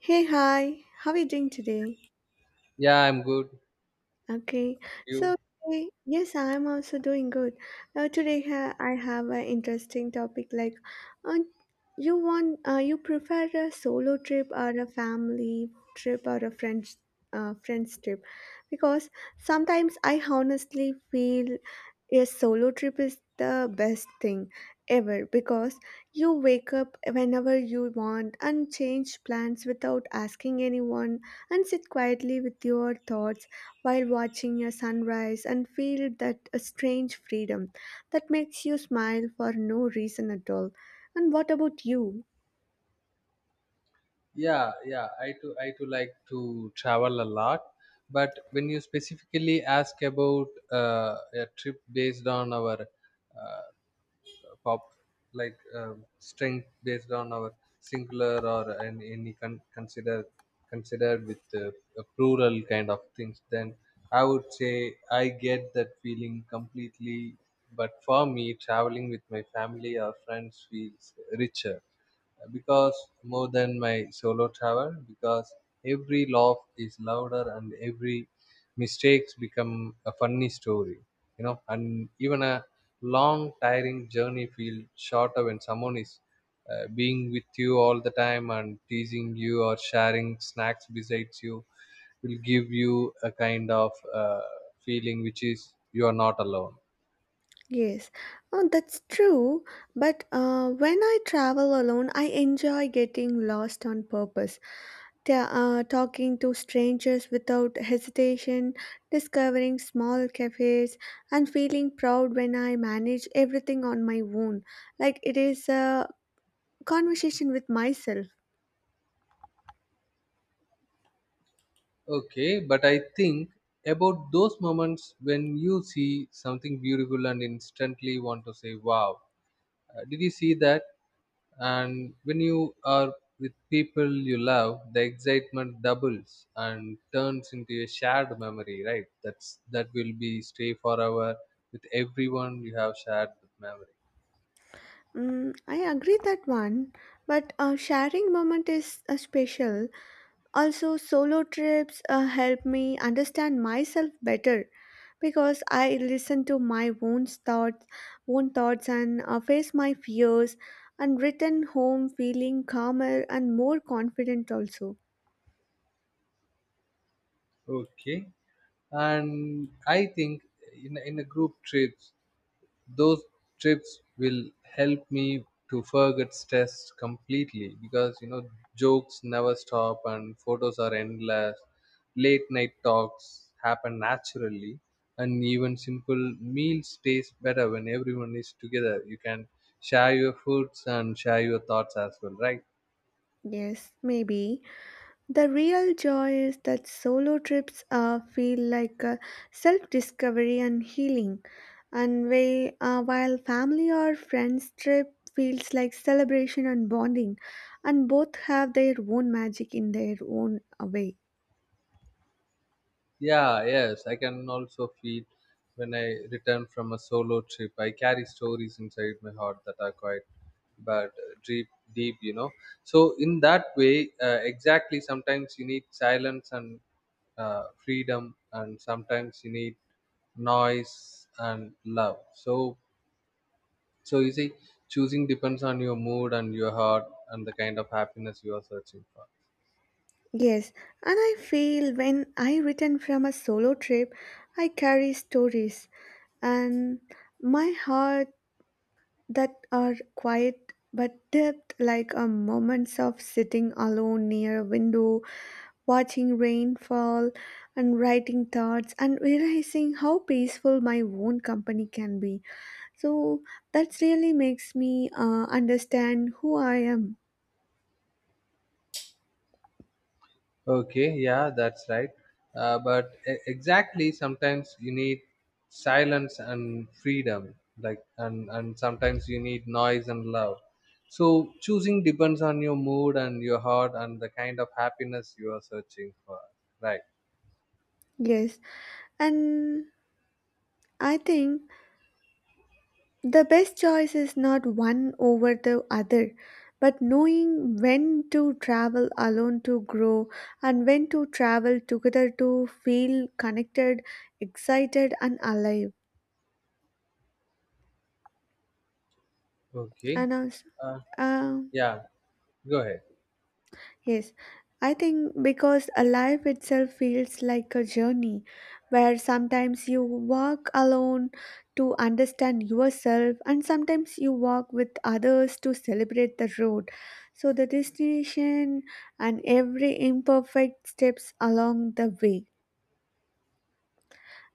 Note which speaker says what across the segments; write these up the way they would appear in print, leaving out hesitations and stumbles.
Speaker 1: Hey, hi. How are you doing today?
Speaker 2: Yeah, I'm good.
Speaker 1: Okay.
Speaker 2: You?
Speaker 1: So, yes, I'm also doing good. I have an interesting topic like uh, you want you prefer a solo trip or a family trip or a friends friends trip because sometimes I honestly feel a solo trip is the best thing ever because you wake up whenever you want and change plans without asking anyone and sit quietly with your thoughts while watching a sunrise and feel that a strange freedom that makes you smile for no reason at all. And what about you?
Speaker 2: Yeah. I too like to travel a lot. But when you specifically ask about a trip based on our uh, pop, like strength based on our singular or any consider considered with a plural kind of things, then I would say I get that feeling completely. But for me, traveling with my family or friends feels richer because more than my solo travel because every laugh is louder and every mistakes become a funny story you know and even a long tiring journey feel shorter when someone is being with you all the time and teasing you or sharing snacks besides you will give you a kind of feeling which is you are not alone.
Speaker 1: Yes, oh, that's true. But when I travel alone, I enjoy getting lost on purpose talking to strangers without hesitation, discovering small cafes, and feeling proud when I manage everything on my own. Like it is a conversation with myself.
Speaker 2: Okay, but I think about those moments when you see something beautiful and instantly want to say, "Wow, did you see that?" And when you are with people you love, the excitement doubles and turns into a shared memory, right? That's that will be stay forever with everyone you have shared the memory.
Speaker 1: Mm, I agree that one, but sharing moment is special. Also, solo trips help me understand myself better because I listen to my own thoughts, and face my fears, and return home feeling calmer and more confident. Also,
Speaker 2: Okay, and I think in a group trips those trips will help me to forget stress completely because you know jokes never stop and photos are endless, late night talks happen naturally and even simple meals taste better when everyone is together, you can share your foods and share your thoughts as well, right?
Speaker 1: yes, maybe the real joy is that solo trips feel like self-discovery and healing, and while family or friends trip feels like celebration and bonding, and both have their own magic in their own way.
Speaker 2: Yeah, yes, I can also feel when I return from a solo trip. I carry stories inside my heart that are quite but deep, deep, you know. So in that way, exactly. Sometimes you need silence and freedom, and sometimes you need noise and love. So you see, choosing depends on your mood and your heart and the kind of happiness you are searching for.
Speaker 1: Yes, and I feel when I return from a solo trip, I carry stories and my heart that are quiet but depth like a moments of sitting alone near a window, watching rain fall and writing thoughts and realizing how peaceful my own company can be. So that really makes me understand who I am.
Speaker 2: Okay, yeah, that's right. But exactly, sometimes you need silence and freedom, and sometimes you need noise and love. So, choosing depends on your mood and your heart and the kind of happiness you are searching for, right?
Speaker 1: Yes, and I think the best choice is not one over the other, but knowing when to travel alone to grow and when to travel together to feel connected, excited, and alive.
Speaker 2: Okay,
Speaker 1: And also,
Speaker 2: uh, yeah, go ahead.
Speaker 1: yes, I think because a life itself feels like a journey where sometimes you walk alone to understand yourself and sometimes you walk with others to celebrate the road. So the destination and every imperfect steps along the way.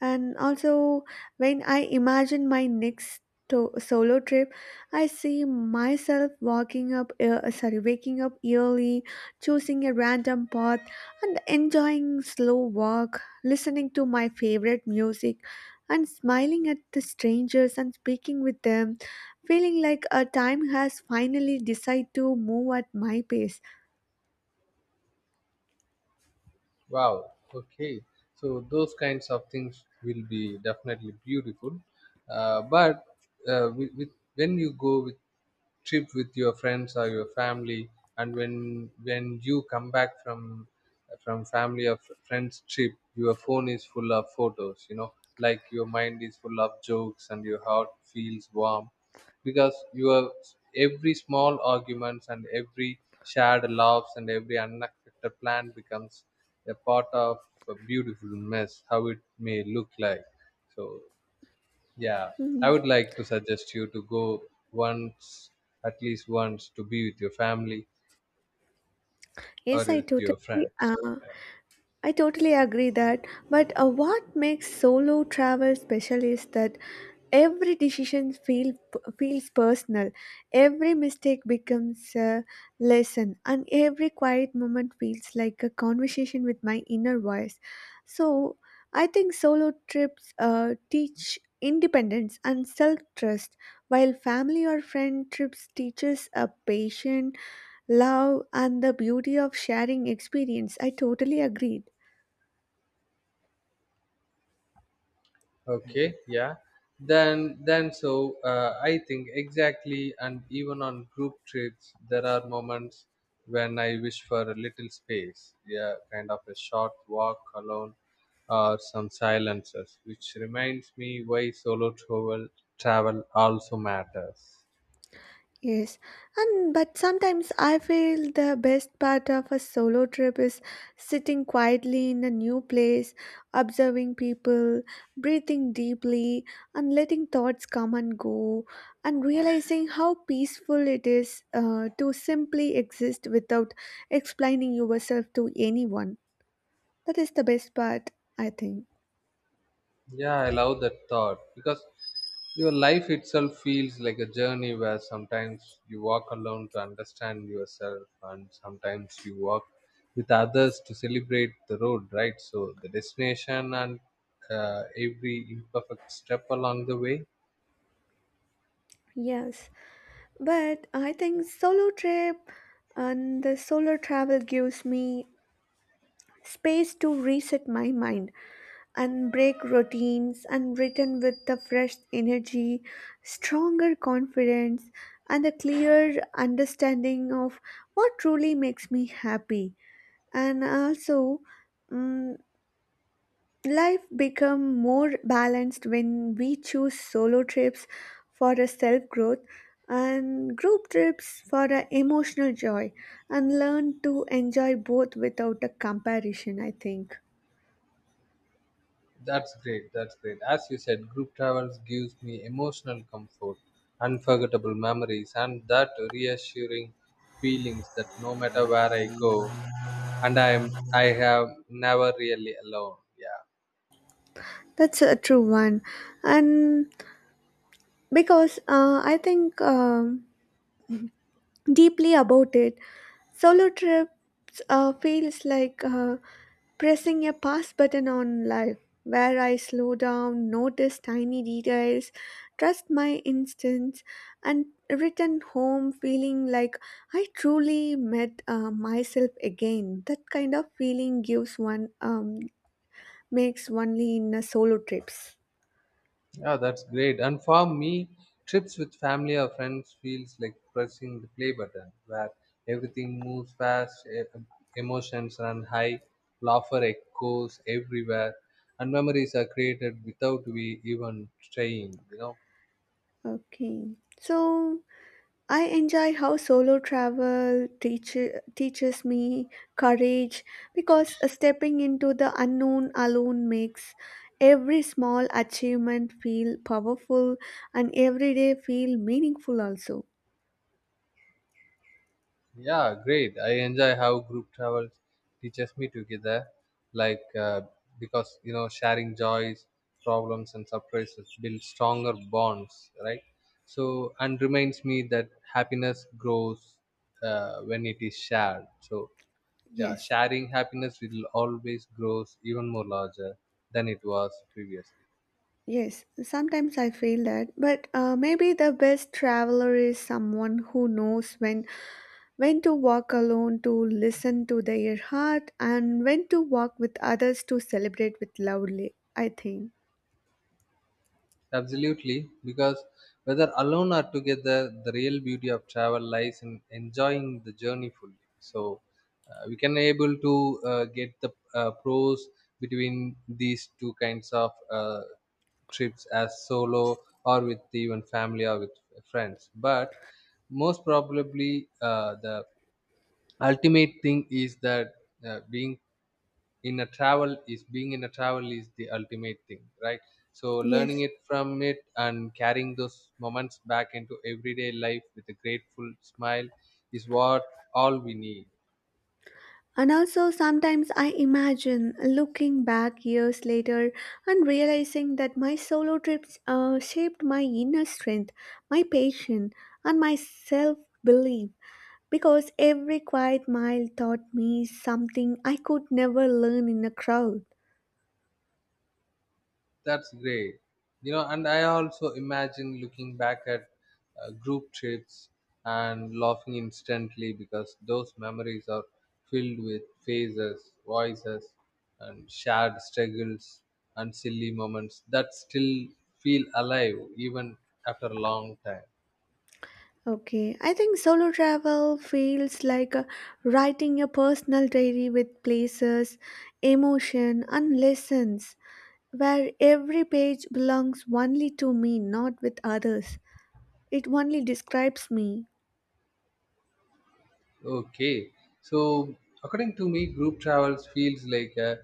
Speaker 1: And also, when I imagine my next solo trip, I see myself waking up early, choosing a random path, and enjoying slow walk, listening to my favorite music, and smiling at the strangers and speaking with them, feeling like a time has finally decided to move at my pace.
Speaker 2: Wow, okay. So, those kinds of things will be definitely beautiful. But uh, with, with, when you go with trip with your friends or your family and when you come back from family or friends trip, your phone is full of photos, you know, like your mind is full of jokes and your heart feels warm because your every small arguments and every shared laughs and every unexpected plan becomes a part of a beautiful mess how it may look like. So yeah, I
Speaker 1: Mhm.
Speaker 2: would like to suggest you to go once, at least once, to be with your family or
Speaker 1: Yes, I
Speaker 2: with your
Speaker 1: totally.
Speaker 2: friends.
Speaker 1: Uh,
Speaker 2: Yeah.
Speaker 1: I totally agree that, but what makes solo travel special is that every decision feel, feels personal, every mistake becomes a lesson, and every quiet moment feels like a conversation with my inner voice. So, I think solo trips teach independence and self trust, while family or friend trips teaches a patience, love, and the beauty of sharing experience. I totally agree.
Speaker 2: Okay, yeah. Then so I think exactly, and even on group trips, there are moments when I wish for a little space. Yeah, kind of a short walk alone or some silences, which reminds me why solo travel also matters.
Speaker 1: Yes, and but sometimes I feel the best part of a solo trip is sitting quietly in a new place, observing people, breathing deeply, and letting thoughts come and go, and realizing how peaceful it is to simply exist without explaining yourself to anyone. That is the best part, I think.
Speaker 2: Yeah, I love that thought because your life itself feels like a journey where sometimes you walk alone to understand yourself and sometimes you walk with others to celebrate the road, right? So the destination and every imperfect step along the way.
Speaker 1: Yes, but I think solo trip and the solo travel gives me space to reset my mind and break routines and return with the fresh energy, stronger confidence, and a clear understanding of what truly makes me happy. And also, mm, life become more balanced when we choose solo trips for a self growth and group trips for a emotional joy and learn to enjoy both without a comparison I think.
Speaker 2: That's great. That's great. As you said, group travels gives me emotional comfort, unforgettable memories, and that reassuring feelings that no matter where I go, and I'm, I have never really alone. Yeah.
Speaker 1: That's a true one. And because I think deeply about it, solo trips feels like pressing a pause button on life, where I slow down, notice tiny details, trust my instincts, and return home feeling like I truly met myself again. That kind of feeling gives one makes only in a solo trips.
Speaker 2: Yeah, that's great, and for me trips with family or friends feels like pressing the play button where everything moves fast, emotions run high, laughter echoes everywhere, and memories are created without we even trying, you know.
Speaker 1: Okay, so I enjoy how teaches me courage because stepping into the unknown alone makes every small achievement feel powerful and every day feel meaningful also.
Speaker 2: Yeah, great. I enjoy how group travel teaches me together, like uh, because you know sharing joys, problems, and surprises build stronger bonds, right? So and reminds me that happiness grows when it is shared. So yeah,
Speaker 1: Yes,
Speaker 2: sharing happiness will always grows even more larger than it was previously.
Speaker 1: yes, sometimes I feel that, but maybe the best traveler is someone who knows when to walk alone to listen to their heart and when to walk with others to celebrate with loudly, I think.
Speaker 2: Absolutely, because whether alone or together, the real beauty of travel lies in enjoying the journey fully. So we can able to get the pros between these two kinds of trips as solo or with even family or with friends. But most probably, the ultimate thing is that uh, being being in a travel is the ultimate thing, right? So learning
Speaker 1: Yes.
Speaker 2: it from it and carrying those moments back into everyday life with a grateful smile is what all we need.
Speaker 1: And also, sometimes I imagine looking back years later and realizing that my solo trips shaped my inner strength, my patience, and my self belief because every quiet mile taught me something I could never learn in a crowd.
Speaker 2: That's great. You know, and I also imagine looking back at group trips and laughing instantly because those memories are filled with faces, voices, and shared struggles and silly moments that still feel alive even after a long time.
Speaker 1: Okay, I think solo travel feels like writing a personal diary with places, emotion, and lessons where every page belongs only to me, not with others. It only describes me.
Speaker 2: Okay, so according to me, group travels feels like uh,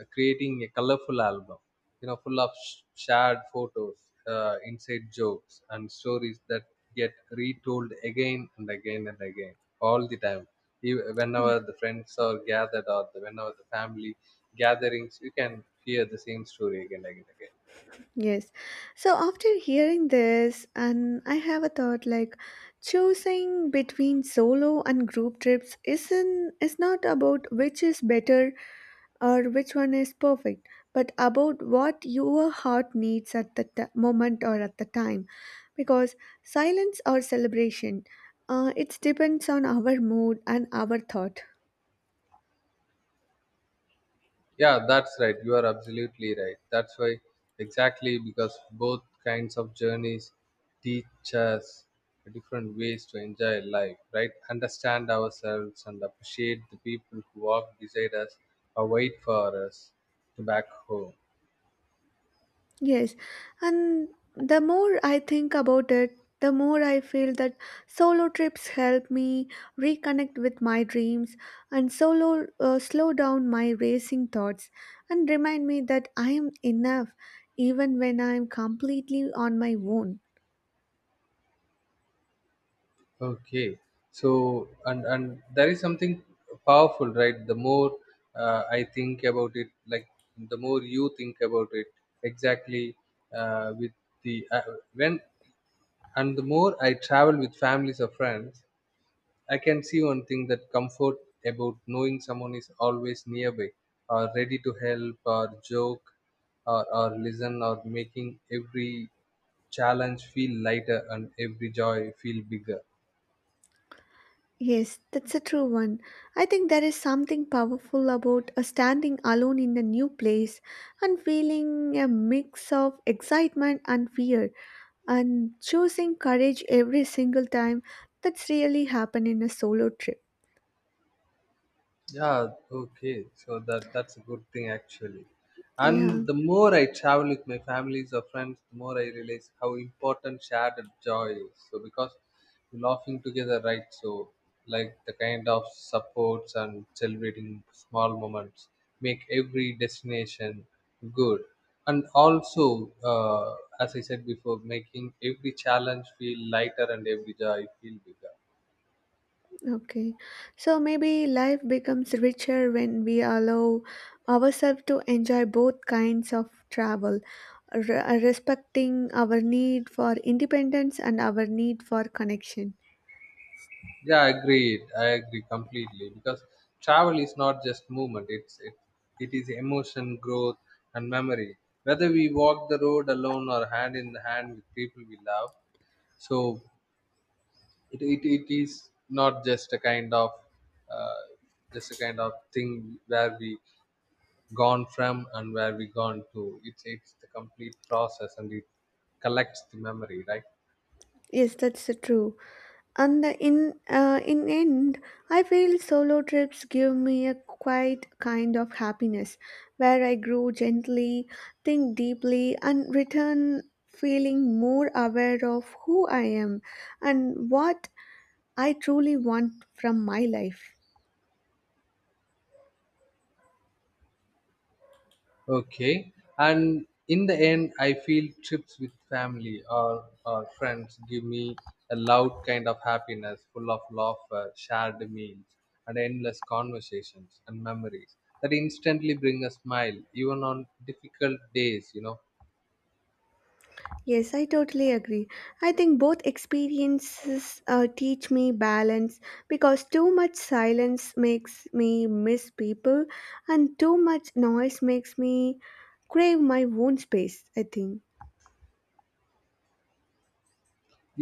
Speaker 2: uh, creating a colorful album, you know, full of shared photos, inside jokes, and stories that get retold again and again and again all the time.
Speaker 1: Yeah.
Speaker 2: Whenever the friends are gathered or the, whenever the family gatherings, you can hear the same story again and again.
Speaker 1: Yes. So after hearing this, and I have a thought like choosing between solo and group trips isn't is not about which is better or which one is perfect, but about what your heart needs at the moment or at the time. Because silence or celebration, it depends on our mood and our thought.
Speaker 2: Yeah, that's right. You are absolutely right. That's why, exactly because both kinds of journeys teach us different ways to enjoy life, right? Understand ourselves and appreciate the people who walk beside us or wait for us to back home.
Speaker 1: Yes, and the more I think about it, the more I feel that solo trips help me reconnect with my dreams and solo slow down my racing thoughts and remind me that I am enough even when I am completely on my own.
Speaker 2: Okay, so and there is something powerful, right? The more I think about it, like the more you think about it, exactly with the when and the more I travel with families or friends, I can see one thing that comfort about knowing someone is always nearby or ready to help or joke or listen or making every challenge feel lighter and every joy feel bigger.
Speaker 1: Yes, that's a true one. I think there is something powerful about standing alone in a new place and feeling a mix of excitement and fear and choosing courage every single time that's really happened in a solo trip.
Speaker 2: Yeah, okay. So that that's a good thing actually.
Speaker 1: Yeah,
Speaker 2: And the more I travel with my families or friends, the more I realize how important shared joy is. So because we're laughing together, right? So like the kind of supports and celebrating small moments make every destination good. And also, as I said before, making every challenge feel lighter and every joy feel bigger.
Speaker 1: okay, so maybe life becomes richer when we allow ourselves to enjoy both kinds of travel respecting our need for independence and our need for connection.
Speaker 2: Yeah, I agree. I agree completely because travel is not just movement. It is emotion, growth, and memory. Whether we walk the road alone or hand in hand with people we love, so it is not just a kind of uh, just a kind of thing where we gone from and where we gone to. It's the complete process and it collects the memory, right?
Speaker 1: Yes, that's true. And the in end, I feel solo trips give me a quiet kind of happiness, where I grow gently, think deeply, and return feeling more aware of who I am and what I truly want from my life.
Speaker 2: Okay. And in the end, I feel trips with family or friends give me a loud kind of happiness, full of laughter, shared meals, and endless conversations and memories that instantly bring a smile, even on difficult days, you know.
Speaker 1: Yes, I totally agree. I think both experiences teach me balance because too much silence makes me miss people, and too much noise makes me crave my own space. I think.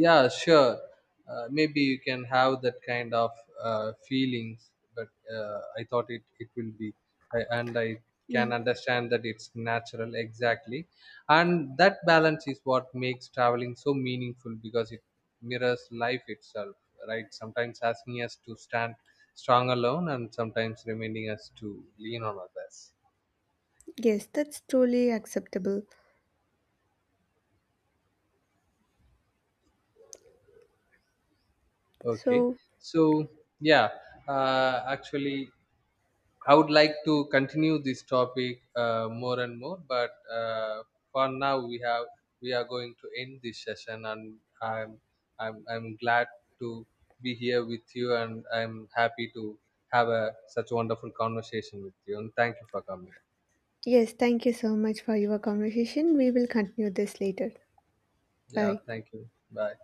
Speaker 2: Yeah, sure. Maybe you can have that kind of feelings, but I thought it it will be I
Speaker 1: Yeah,
Speaker 2: can understand that it's natural exactly and that balance is what makes traveling so meaningful because it mirrors life itself, right? Sometimes asking us to stand strong alone and sometimes reminding us to lean on others.
Speaker 1: yes, that's truly acceptable.
Speaker 2: Okay,
Speaker 1: So,
Speaker 2: so yeah, actually I would like to continue this topic more and more, but for now we have we are going to end this session, and I'm glad to be here with you, and I'm happy to have a such a wonderful conversation with you. And thank you for coming.
Speaker 1: yes, thank you so much for your conversation. We will continue this later.
Speaker 2: Yeah,
Speaker 1: Bye.
Speaker 2: thank you. Bye.